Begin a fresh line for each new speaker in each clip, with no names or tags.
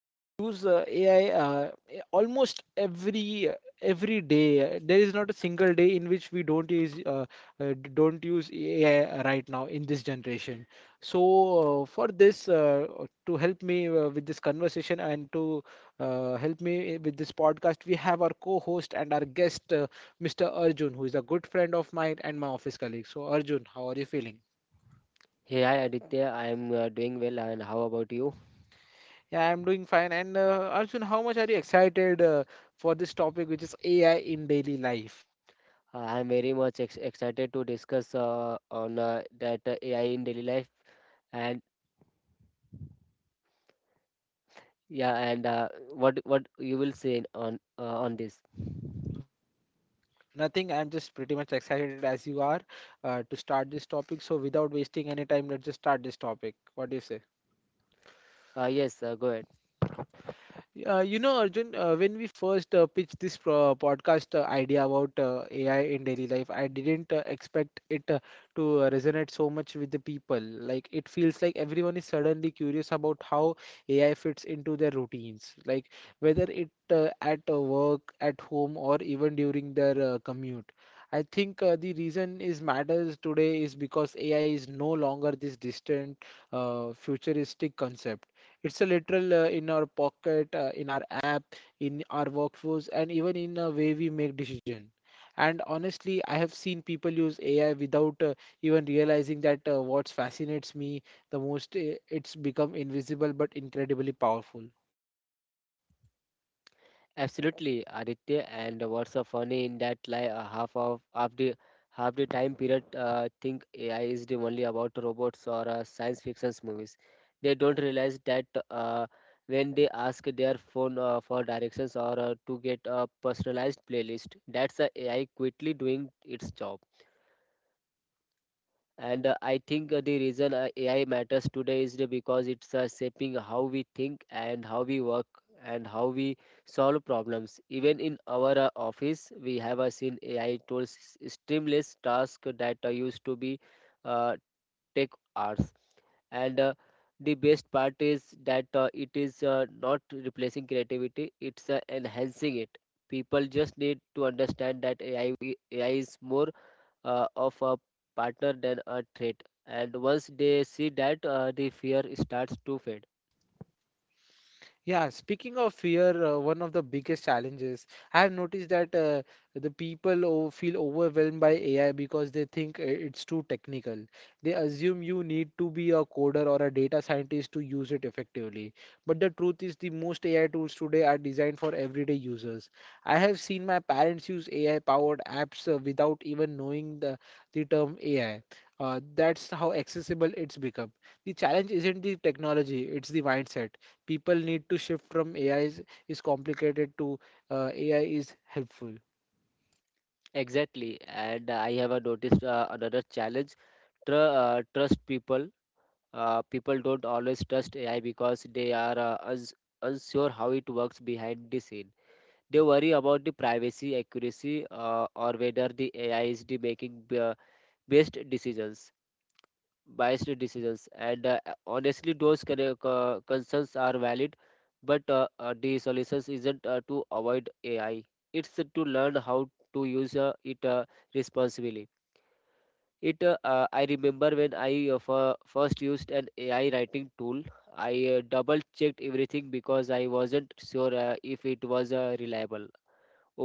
We use AI almost every day. There is not a single day in which we don't don't use AI right now in this generation. So, for this to help me with this conversation and to help me with this podcast. We have our co-host and our guest, Mr. Arjun, who is a good friend of mine and my office colleague. So, Arjun, how are you feeling?
Hey, hi Aditya. I am doing well, and how about you?
Yeah, I'm doing fine. And Arjun, how much are you excited for this topic, which is AI in daily life?
I am very much ex excited to discuss on that AI in daily life, and yeah, and what you will say on on this.
Nothing. I'm just pretty much excited as you are to start this topic. So, without wasting any time, let's just start this topic. What do you say?
Yes, go ahead.
Arjun, when we first pitched this pro podcast idea about AI in daily life, I didn't expect it to resonate so much with the people. Like, it feels like everyone is suddenly curious about how AI fits into their routines, like whether it at work, at home, or even during their commute. I think the reason is matters today is because AI is no longer this distant, futuristic concept. It's a literal in our pocket, in our app, in our workforce, and even in the way we make decision. And honestly, I have seen people use AI without even realizing that what fascinates me the most, it's become invisible but incredibly powerful.
Absolutely, Aditya. And what's so funny in that, like, half the time period, think AI is the only about robots or science fiction movies. They don't realize that when they ask their phone for directions or to get a personalized playlist, that's the AI quickly doing its job. And I think the reason AI matters today because it's shaping how we think and how we work and how we solve problems. Even in our office, we have seen AI tools streamless tasks that used to be uh, take hours. And the best part is that it is not replacing creativity; it's enhancing it. People just need to understand that AI is more of a partner than a threat. And once they see that, the fear starts to fade.
Yeah, speaking of fear, one of the biggest challenges I have noticed that the people feel overwhelmed by AI because they think it's too technical. They assume you need to be a coder or a data scientist to use it effectively. But the truth is, the most AI tools today are designed for everyday users. I have seen my parents use AI-powered apps without even knowing the term AI. That's how accessible it's become. The challenge isn't the technology, it's the mindset people need to shift from AI is complicated to AI is helpful.
Exactly. And I have noticed another challenge, trust. People. People don't always trust AI because they are unsure how it works behind the scene. They worry about the privacy, accuracy, or whether the AI is the making best decisions, biased decisions, and honestly those concerns are valid, but uh, the solution isn't to avoid AI. It's to learn how to use it responsibly. It I remember when I first used an AI writing tool. I double checked everything because I wasn't sure if it was reliable.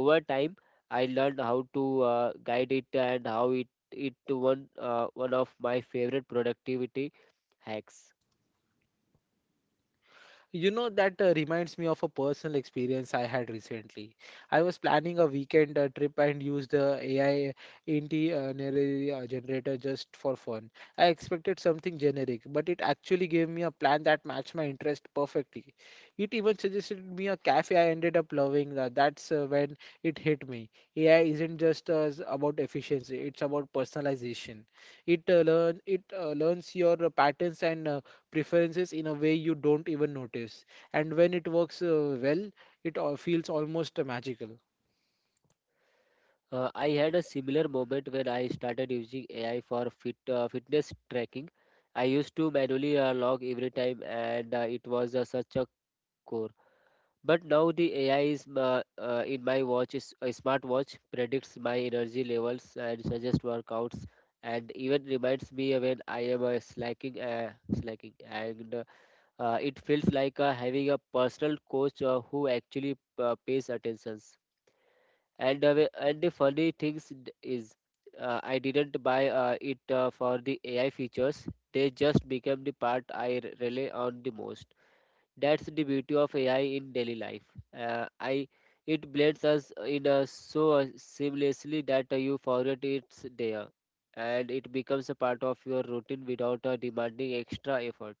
Over time, I learned how to guide it, and how it to one one of my favorite productivity hacks.
You know, that reminds me of a personal experience I had recently. I was planning a weekend trip and used the AI itinerary generator just for fun. I expected something generic, but it actually gave me a plan that matched my interest perfectly. It even suggested me a cafe I ended up loving. That's when it hit me. AI isn't just about efficiency, it's about personalization. It learns your patterns and preferences in a way you don't even notice. And when it works well, it feels almost magical.
I had a similar moment when I started using AI for fitness tracking. I used to manually log every time, and it was such a chore. But now the AI in my watch, is a smartwatch, predicts my energy levels and suggests workouts, and even reminds me when I am slacking. And it feels like having a personal coach who actually pays attentions. And the funny things d- is, I didn't buy it for the AI features. They just became the part I rely on the most. That's the beauty of AI in daily life. I it blends us in so seamlessly that you forget it's there, and it becomes a part of your routine without demanding extra effort.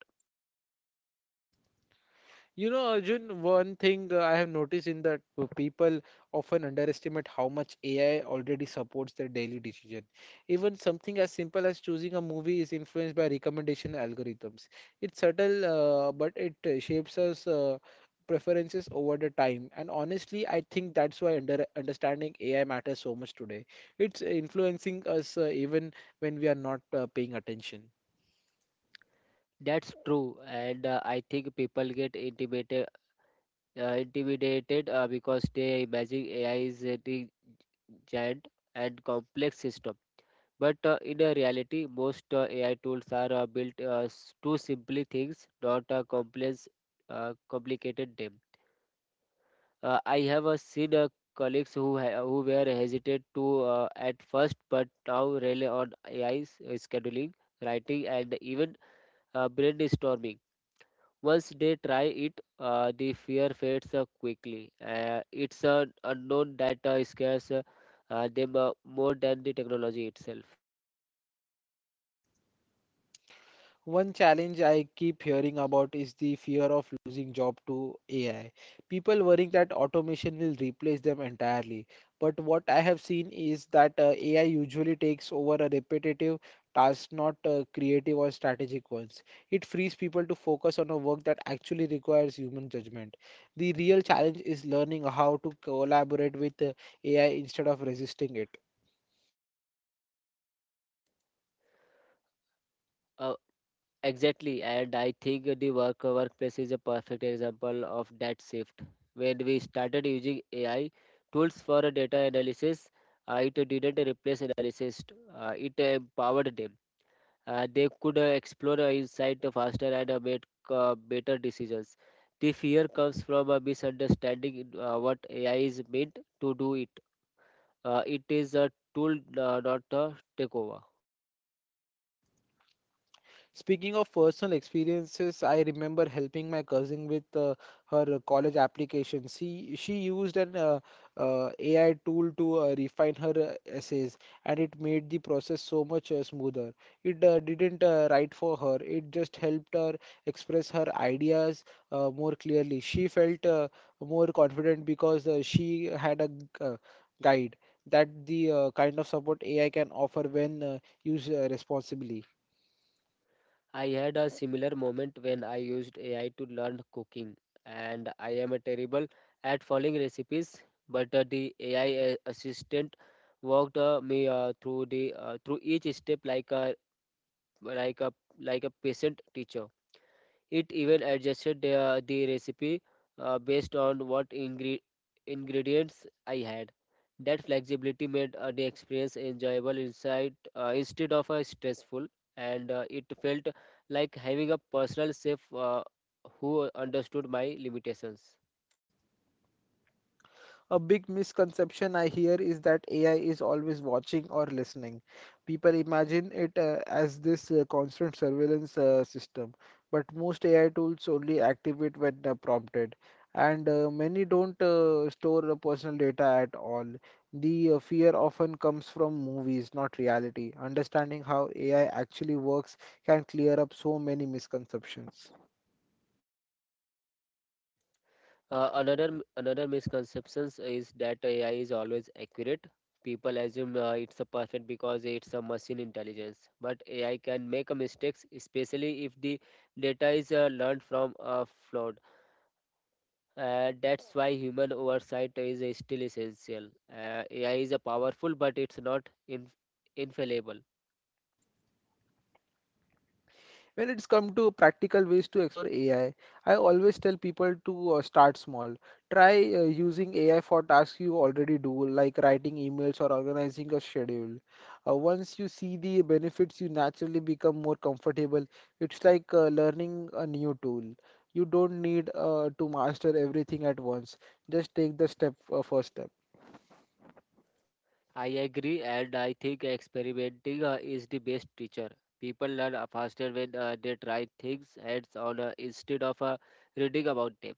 You know, Arjun, one thing I have noticed in that people often underestimate how much AI already supports their daily decision. Even something as simple as choosing a movie is influenced by recommendation algorithms. It's subtle, but it shapes us. Preferences over the time. And honestly, I think that's why understanding AI matters so much today. It's influencing us even when we are not paying attention.
That's true, and I think people get intimidated because they imagine AI is a big, giant, and complex system. But in reality, most AI tools are built to simply things, not complicated them. I have seen colleagues who who were hesitant to at first, but now rely on AI 's, scheduling, writing, and even brainstorming. Once they try it, the fear fades quickly. It's an unknown that scares them more than the technology itself.
One challenge I keep hearing about is the fear of losing job to AI. People worrying that automation will replace them entirely. But what I have seen is that AI usually takes over a repetitive task, not creative or strategic ones. It frees people to focus on a work that actually requires human judgment. The real challenge is learning how to collaborate with AI instead of resisting it.
Uh, Exactly, and I think the workplace is a perfect example of that shift. When we started using AI tools for data analysis, it didn't replace analysis; it empowered them. They could explore insight faster and make better decisions. The fear comes from a misunderstanding in what AI is meant to do. It is a tool, not a takeover.
Speaking of personal experiences, I remember helping my cousin with her college application. She used an AI tool to refine her essays, and it made the process so much smoother. It didn't write for her; it just helped her express her ideas more clearly. She felt more confident because she had a guide. That the kind of support AI can offer when used responsibly.
I had a similar moment when I used AI to learn cooking, and I am a terrible at following recipes, but the AI assistant walked me through the, through each step like a like a patient teacher. It even adjusted the recipe based on what ingredients I had. That flexibility made the experience enjoyable inside, instead of stressful, and it felt like having a personal chef who understood my limitations.
A big misconception I hear is that AI is always watching or listening. People imagine it as this constant surveillance system, but most AI tools only activate when prompted, and many don't store personal data at all. The fear often comes from movies, not reality. Understanding how AI actually works can clear up so many misconceptions.
Another misconceptions is that AI is always accurate. People assume it's a perfect because it's a machine intelligence, but AI can make a mistakes, especially if the data is learned from a flawed. That's why human oversight is still essential. AI is a powerful, but it's not infallible.
When it's come to practical ways to explore AI, I always tell people to start small. Try using AI for tasks you already do, like writing emails or organizing a schedule. Once you see the benefits, you naturally become more comfortable. It's like learning a new tool. You don't need to master everything at once. Just take the first step.
I agree, and I think experimenting is the best teacher. People learn faster when they try things hands-on instead of reading about them.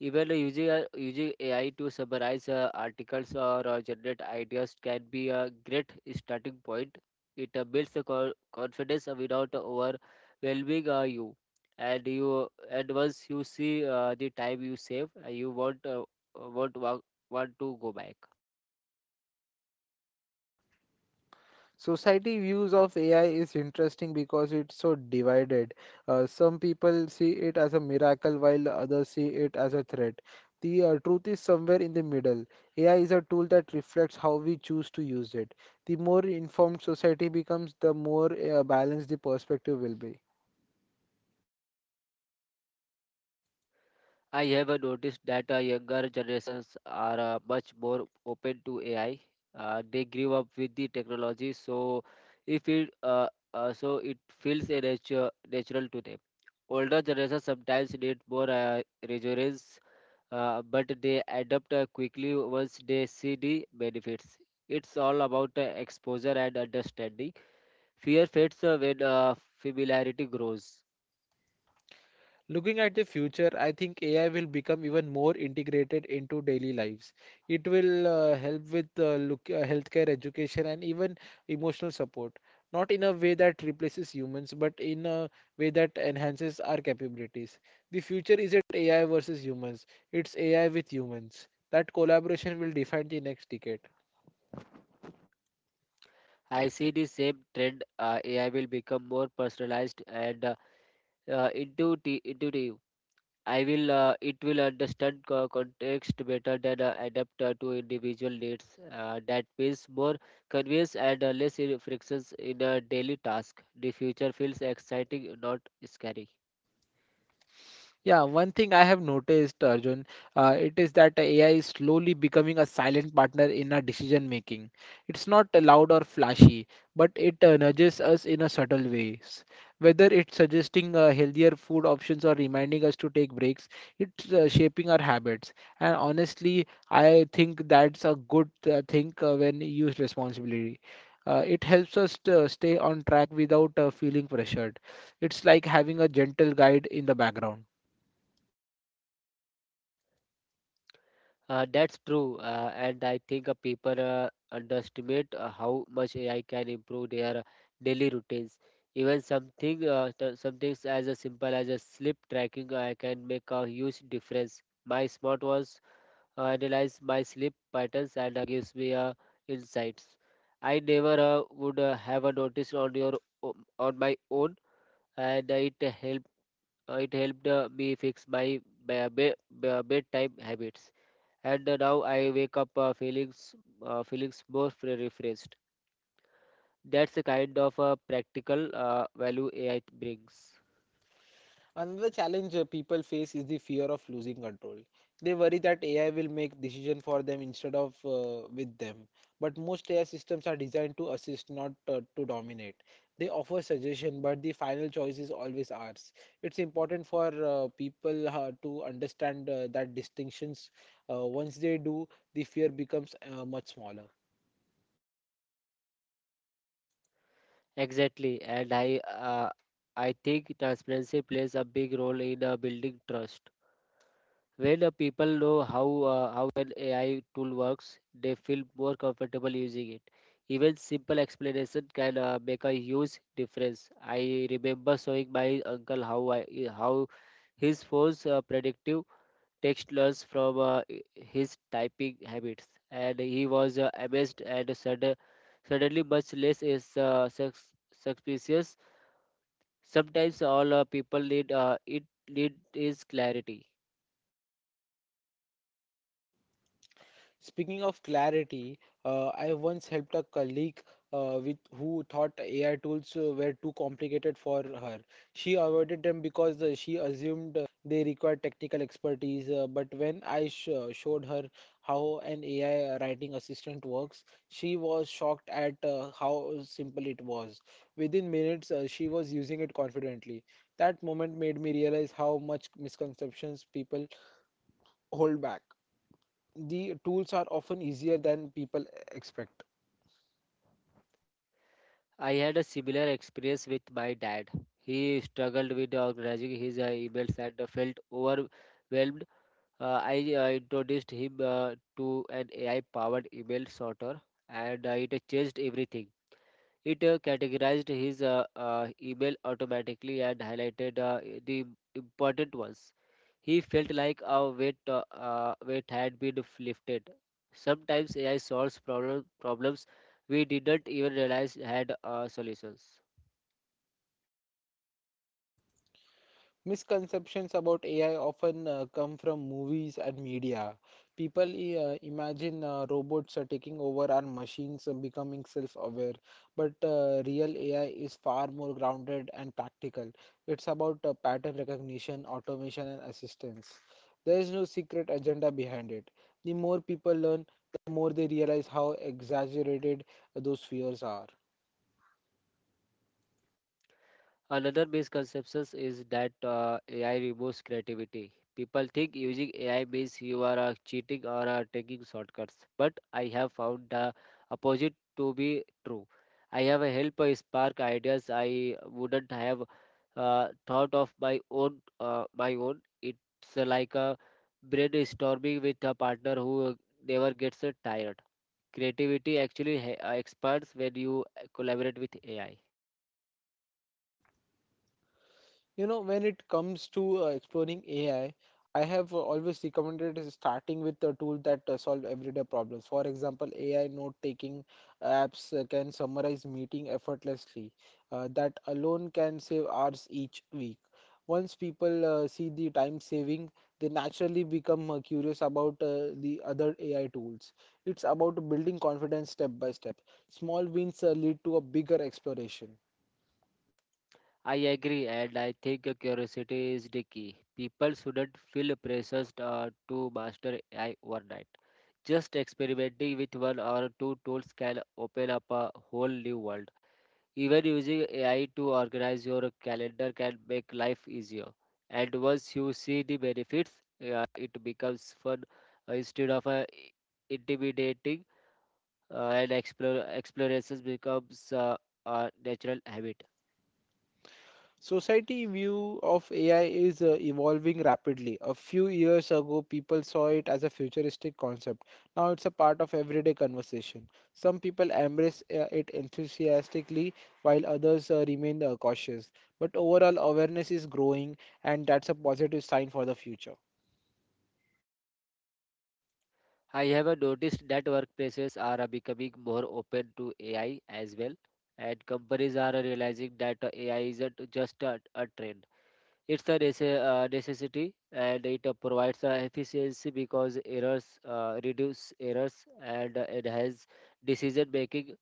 Even using AI to summarize articles or generate ideas can be a great starting point. It builds the confidence without overwhelming you. And once you see the time you save, you won't wa- want to go back.
Society views of AI is interesting because it's so divided. Some people see it as a miracle while others see it as a threat. The truth is somewhere in the middle. AI is a tool that reflects how we choose to use it. The more informed society becomes, the more balanced the perspective will be.
I have noticed that younger generations are much more open to AI. They grew up with the technology, so if it so it feels natural to them. Older generations sometimes need more reassurance, but they adapt quickly once they see the benefits. It's all about exposure and understanding. Fear fades when familiarity grows.
Looking at the future, I think AI will become even more integrated into daily lives. It will help with healthcare, education, and even emotional support. Not in a way that replaces humans, but in a way that enhances our capabilities. The future isn't AI versus humans, it's AI with humans. That collaboration will define the next decade.
I see the same trend. AI will become more personalized and intuitive. I will. It will understand context better, than adapt to individual needs. That means more convenience and less frictions in a daily task. The future feels exciting, not scary.
Yeah, one thing I have noticed, Arjun, it is that AI is slowly becoming a silent partner in our decision making. It's not loud or flashy, but it nudges us in a subtle ways. Whether it's suggesting healthier food options or reminding us to take breaks, it's shaping our habits. And honestly, I think that's a good thing when used responsibility. It helps us to stay on track without feeling pressured. It's like having a gentle guide in the background.
That's true, and I think people underestimate how much AI can improve their daily routines. Even some things as simple as a sleep tracking can make a huge difference. My smartwatch analyzes my sleep patterns and gives me insights I never would have noticed o- on my own, and helped it helped me fix my be- be- bedtime habits, and now I wake up feeling more refreshed. That's the kind of practical value AI brings.
Another challenge people face is the fear of losing control. They worry that AI will make decision for them instead of with them. But most AI systems are designed to assist, not to dominate. They offer suggestion, but the final choice is always ours. It's important for people to understand that distinctions. Once they do, the fear becomes much smaller.
Exactly, and I think transparency plays a big role in building trust. When people know how an AI tool works, they feel more comfortable using it. Even simple explanation can make a huge difference. I remember showing my uncle how his phone's predictive text learns from his typing habits, and he was amazed, and suddenly much less is suspicious. Sometimes all people need is clarity.
Speaking of clarity, I once helped a colleague with who thought AI tools were too complicated for her. She avoided them because she assumed they required technical expertise. But when I showed her how an AI writing assistant works, she was shocked at how simple it was. Within minutes, she was using it confidently. That moment made me realize how much misconceptions people hold back. The tools are often easier than people expect.
I had a similar experience with my dad. He struggled with organizing his emails and felt overwhelmed. I introduced him to an AI-powered email sorter, and it changed everything. It categorized his email automatically and highlighted the important ones. He felt like a weight had been lifted. Sometimes AI solves problems we didn't even realize had solutions.
Misconceptions about AI often come from movies and media. People imagine robots are taking over and machines are becoming self-aware, but real AI is far more grounded and practical. It's about pattern recognition, automation, and assistance. There is no secret agenda behind it. The more people learn, the more they realize how exaggerated those fears are.
Another misconception is that AI removes creativity. People think using AI means you are cheating or taking shortcuts, but I have found the opposite to be true. I have a help spark ideas I wouldn't have thought of my own. It's like a brainstorming with a partner who never gets tired. Creativity actually expands when you collaborate with AI.
You know, when it comes to exploring AI, I have always recommended is starting with a tool that solve everyday problems. For example, AI note-taking apps can summarize meeting effortlessly. That alone can save hours each week. Once people see the time saving, they naturally become curious about the other AI tools. It's about building confidence step by step. Small wins lead to a bigger exploration.
I agree, and I think curiosity is the key. People shouldn't feel pressured to master AI overnight. Just experimenting with one or two tools can open up a whole new world. Even using AI to organize your calendar can make life easier. And once you see the benefits, it becomes fun instead of intimidating, and explorations becomes a natural habit.
Society view of AI is evolving rapidly. A few years ago, people saw it as a futuristic concept. Now it's a part of everyday conversation. Some people embrace it enthusiastically, while others remain cautious. But overall, awareness is growing, and that's a positive sign for the future.
I have noticed that workplaces are becoming more open to AI as well, and companies are realizing that AI isn't just a trend. It's a necessity, and it provides efficiency because errors reduce errors and enhance decision making.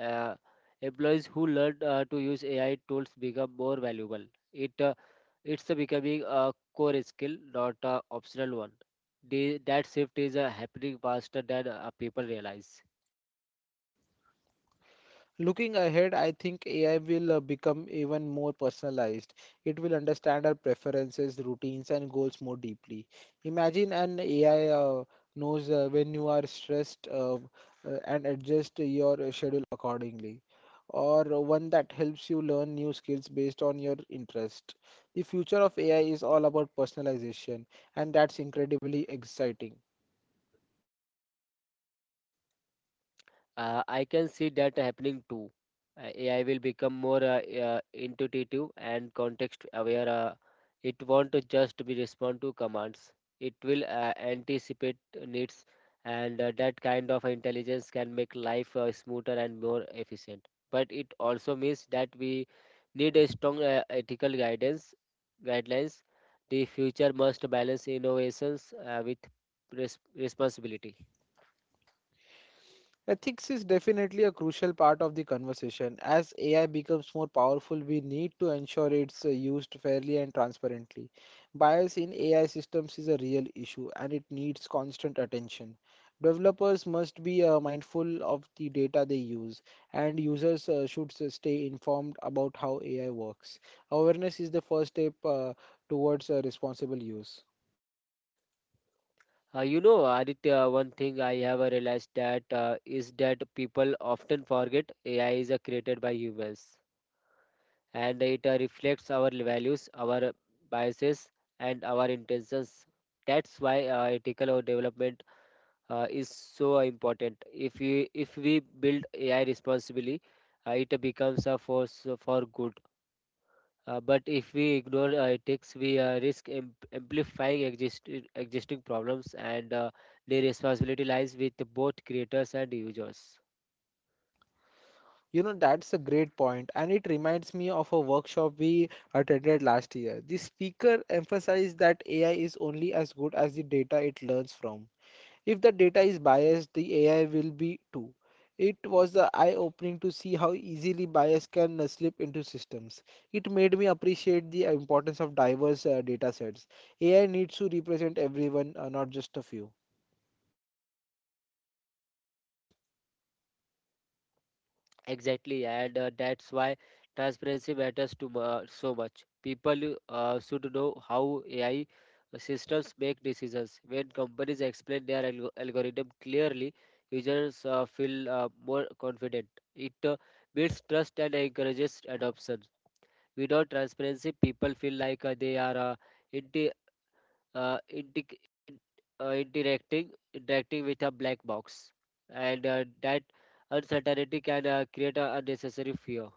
Uh, Employees who learn to use AI tools become more valuable. It uh, it's becoming a core skill, not a optional one. That shift is happening faster than people realize.
Looking ahead, I think AI will become even more personalized. It will understand our preferences, routines, and goals more deeply. Imagine an AI knows when you are stressed and adjust your schedule accordingly, or one that helps you learn new skills based on your interest. The future of AI is all about personalization, and that's incredibly exciting.
I can see that happening too. AI will become more intuitive and context aware. It won't just be respond to commands. It will anticipate needs, and that kind of intelligence can make life smoother and more efficient. But it also means that we need a strong ethical guidance guidelines. The future must balance innovations with responsibility.
Ethics is definitely a crucial part of the conversation. As AI becomes more powerful, we need to ensure it's used fairly and transparently. Bias in AI systems is a real issue, and it needs constant attention. Developers must be mindful of the data they use, and users should stay informed about how AI works. Awareness is the first step towards responsible use.
Aditya, one thing I have realized that is that people often forget AI is created by humans, and it reflects our values, our biases, and our intentions. That's why ethical or development is so important. If we build AI responsibly, it becomes a force for good. But if we ignore ethics, we risk amplifying existing problems, and the responsibility lies with both creators and users.
You know, that's a great point, and it reminds me of a workshop we attended last year. The speaker emphasized that AI is only as good as the data it learns from. If the data is biased, the AI will be too. It was eye-opening to see how easily bias can slip into systems. It made me appreciate the importance of diverse data sets. AI needs to represent everyone, not just a few.
Exactly, and that's why transparency matters to so much. People should know how AI systems make decisions. When companies explain their algorithm clearly, users feel more confident. It builds trust and encourages adoption. Without transparency, people feel like they are inti- uh, inti- interacting with a black box, and that uncertainty can create a unnecessary fear.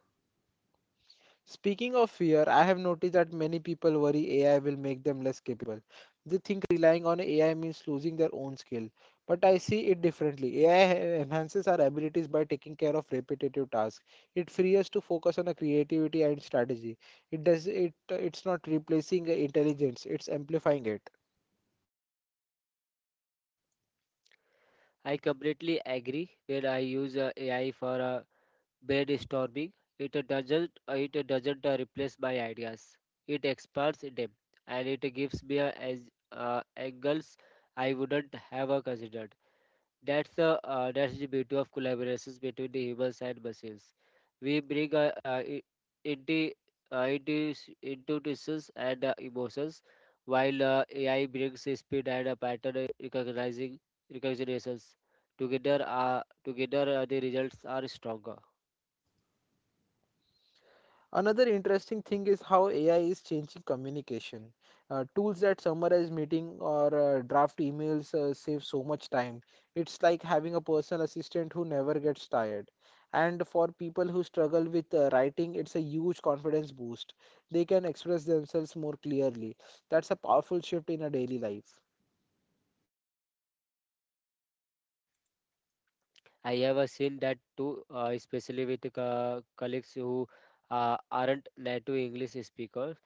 Speaking of fear, I have noticed that many people worry AI will make them less capable. They think relying on AI means losing their own skill. But I see it differently. AI enhances our abilities by taking care of repetitive tasks. It frees us to focus on our creativity and strategy. It's not replacing intelligence, it's amplifying it.
I completely agree. When I use AI for brainstorming, it doesn't replace my ideas. It expands them, and it gives me as angles I wouldn't have considered. That's the beauty of collaborations between the humans and machines. We bring inti- intuitions and emotions, while AI brings the speed and pattern recognizing recognitions. Together, the results are stronger.
Another interesting thing is how AI is changing communication. Tools that summarize meeting or draft emails save so much time. It's like having a personal assistant who never gets tired. And for people who struggle with writing, it's a huge confidence boost. They can express themselves more clearly. That's a powerful shift in a daily life.
I have seen that too, especially with colleagues who aren't native English speakers.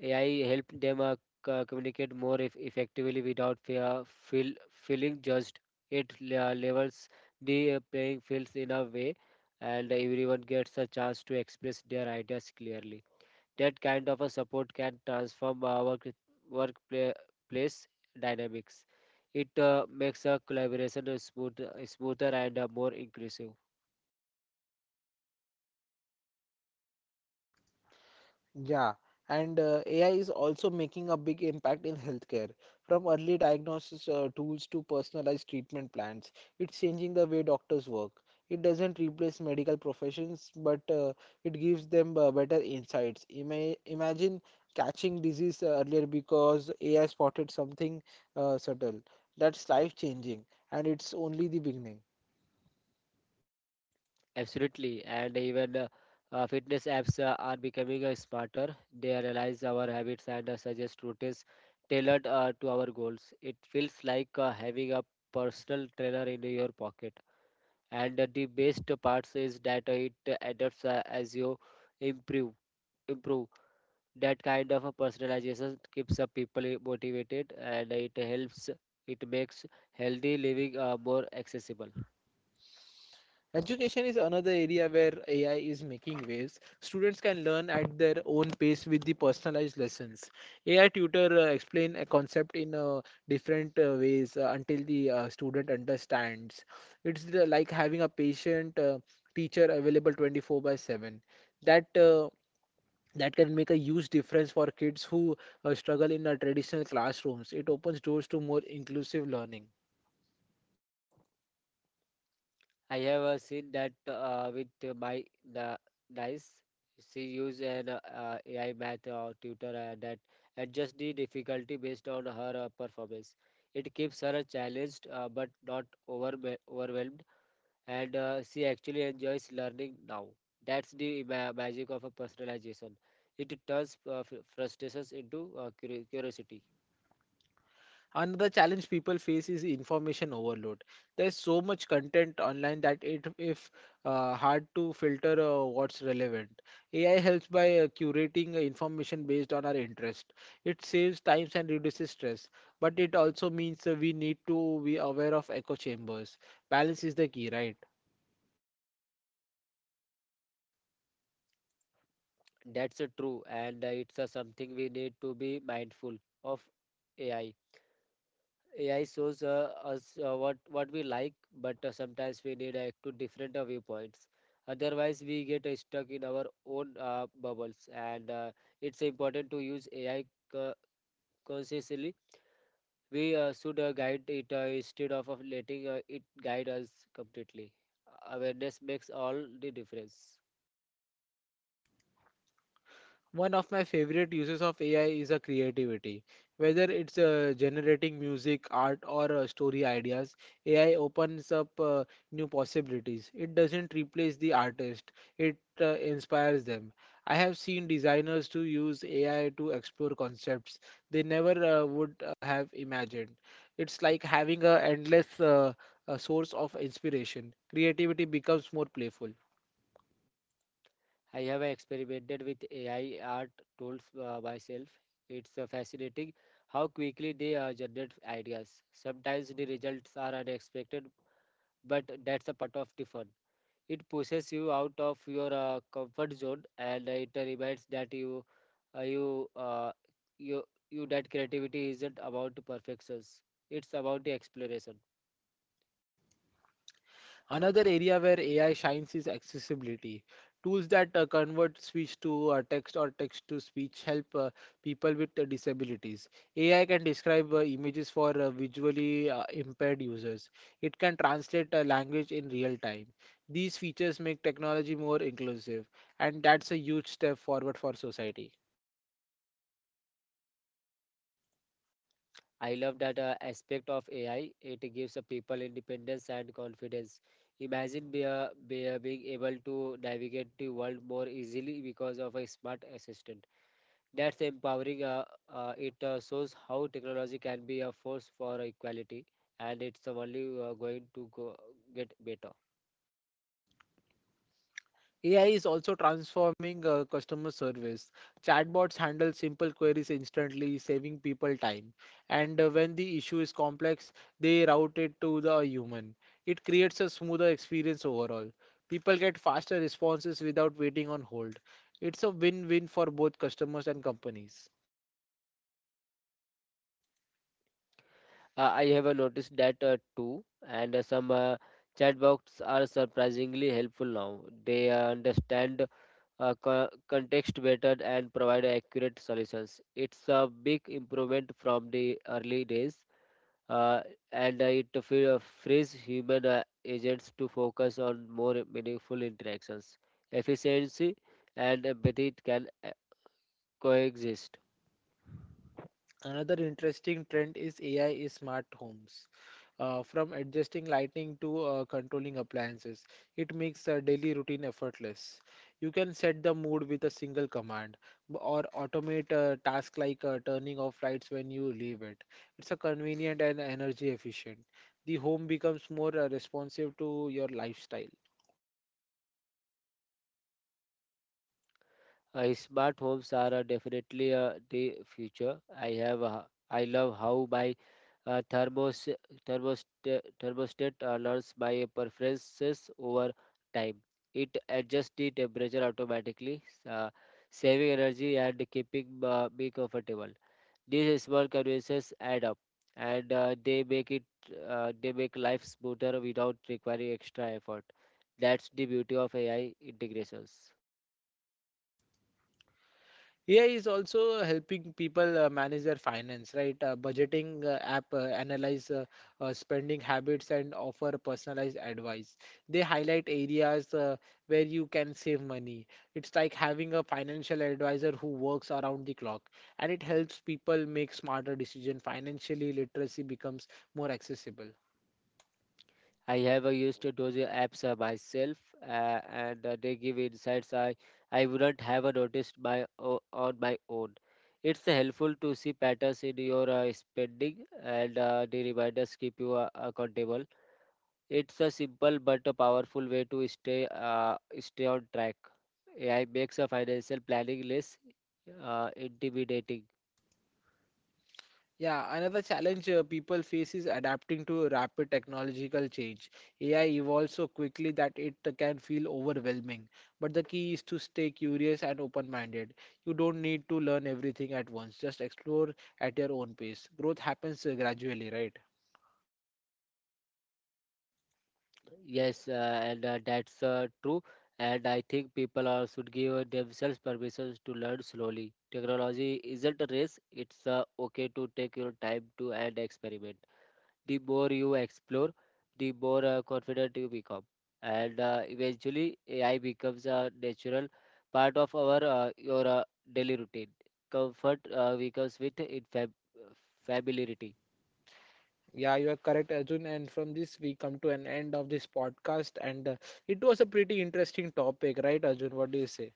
AI helped them communicate more effectively without feel, feeling judged. It levels the playing fields in a way, and everyone gets a chance to express their ideas clearly. That kind of a support can transform our workplace dynamics. It makes a collaboration smoother and more inclusive.
Yeah, and AI is also making a big impact in healthcare. From early diagnosis tools to personalized treatment plans, it's changing the way doctors work. It doesn't replace medical professions, but it gives them better insights. Imagine catching disease earlier because AI spotted something subtle. That's life-changing, and it's only the beginning.
Absolutely, and even fitness apps are becoming smarter. They analyze our habits and suggest routines tailored to our goals. It feels like having a personal trainer in your pocket. And the best part is that it adapts as you improve. Improve that kind of a personalization keeps people motivated, and it helps. It makes healthy living more accessible.
Education is another area where AI is making waves. Students can learn at their own pace with the personalized lessons. AI tutor explain a concept in different ways until the student understands. Like having a patient teacher available 24 by 7. That uh, that can make a huge difference for kids who struggle in traditional classrooms. It opens doors to more inclusive learning.
I have seen that with my na nice. She used an AI math tutor that adjusts the difficulty based on her performance. It keeps her challenged but not overwhelmed, and she actually enjoys learning now. That's the ma magic of a personalization. It turns frustrations into curiosity.
Another challenge people face is information overload. There's so much content online that it if hard to filter what's relevant. AI helps by curating information based on our interest. It saves time and reduces stress, but it also means we need to be aware of echo chambers. Balance is the key, right?
That's true, and it's something we need to be mindful of. AI AI shows us what we like, but sometimes we need two different viewpoints. Otherwise, we get stuck in our own bubbles. And it's important to use AI co- consciously. We should guide it instead of letting it guide us completely. Awareness makes all the difference.
One of my favorite uses of AI is a creativity. Whether it's generating music, art, or story ideas, AI opens up new possibilities. It doesn't replace the artist; it inspires them. I have seen designers to use AI to explore concepts they never would have imagined. It's like having a endless source of inspiration. Creativity becomes more playful.
I have experimented with AI art tools myself. It's fascinating how quickly they generate ideas. Sometimes the results are unexpected, but that's a part of the fun. It pushes you out of your comfort zone, and it reminds that you, you, you, you that creativity isn't about perfections. It's about the exploration.
Another area where AI shines is accessibility. Tools that convert speech to text or text to speech help people with disabilities. AI can describe images for visually impaired users. It can translate language in real time. These features make technology more inclusive, and that's a huge step forward for society.
I love that aspect of AI. It gives the people independence and confidence. Imagine being able to navigate the world more easily because of a smart assistant. That's empowering. It shows how technology can be a force for equality, and it's only going to get better.
AI is also transforming customer service. Chatbots handle simple queries instantly, saving people time. And when the issue is complex, they route it to the human. It creates a smoother experience overall. People get faster responses without waiting on hold. It's a win-win for both customers and companies.
I have noticed that too, and some chatbots are surprisingly helpful now. They understand context better and provide accurate solutions. It's a big improvement from the early days, uh, and it frees human agents to focus on more meaningful interactions. Efficiency and empathy can coexist.
Another interesting trend is AI is smart homes. From adjusting lighting to controlling appliances. It makes a daily routine effortless. You can set the mood with a single command or automate a task like turning off lights when you leave it. It's a convenient and energy efficient. The home becomes more responsive to your lifestyle.
Smart homes are definitely the future. I love how my uh, thermos thermostat learns my preferences over time. It adjusts the temperature automatically, uh, saving energy and keeping me comfortable. These small conveniences add up, and they make life smoother without requiring extra effort. That's the beauty of AI integrations.
AI is also helping people manage their finance, right? Budgeting app analyze spending habits and offer personalized advice. They highlight areas where you can save money. It's like having a financial advisor who works around the clock, and it helps people make smarter decisions. Financially literacy becomes more accessible.
I have used to those apps myself, and they give insights I wouldn't have noticed on my own. It's helpful to see patterns in your spending, and the reminders keep you accountable. It's a simple but a powerful way to stay on track. AI makes a financial planning less intimidating.
Yeah, another challenge people face is adapting to rapid technological change. AI evolves so quickly that it can feel overwhelming. But the key is to stay curious and open minded. You don't need to learn everything at once, just explore at your own pace. Growth happens gradually, right?
Yes, and that's true. And I think people are, should give themselves permissions to learn slowly. Technology isn't a race, it's okay to take your time to and experiment. The more you explore, the more confident you become. And eventually, AI becomes a natural part of our your daily routine. Comfort becomes with it familiarity.
Yeah, you are correct, Arjun. And from this, we come to an end of this podcast. And it was a pretty interesting topic, right, Arjun? What do you say?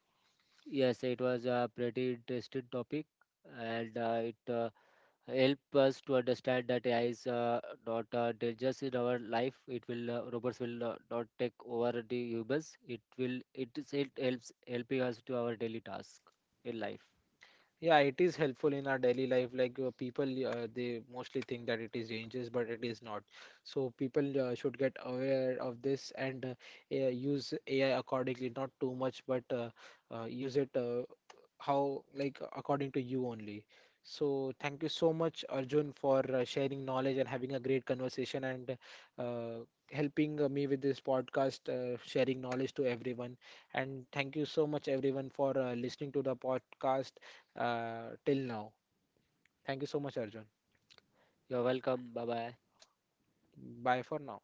Yes, it was a pretty interesting topic, and it help us to understand that AI is not dangerous in our life. It will robots will not take over the humans. It will it is it helps helping us to our daily task in life.
Yeah, it is helpful in our daily life. Like people, they mostly think that it is dangerous, but it is not. So people should get aware of this and use AI accordingly. Not too much, but use it how like according to you only. So thank you so much, Arjun, for sharing knowledge and having a great conversation and uh, helping me with this podcast, sharing knowledge to everyone. And thank you so much, everyone, for listening to the podcast till now. Thank you so much, Arjun.
You're welcome. Bye bye.
Bye for now.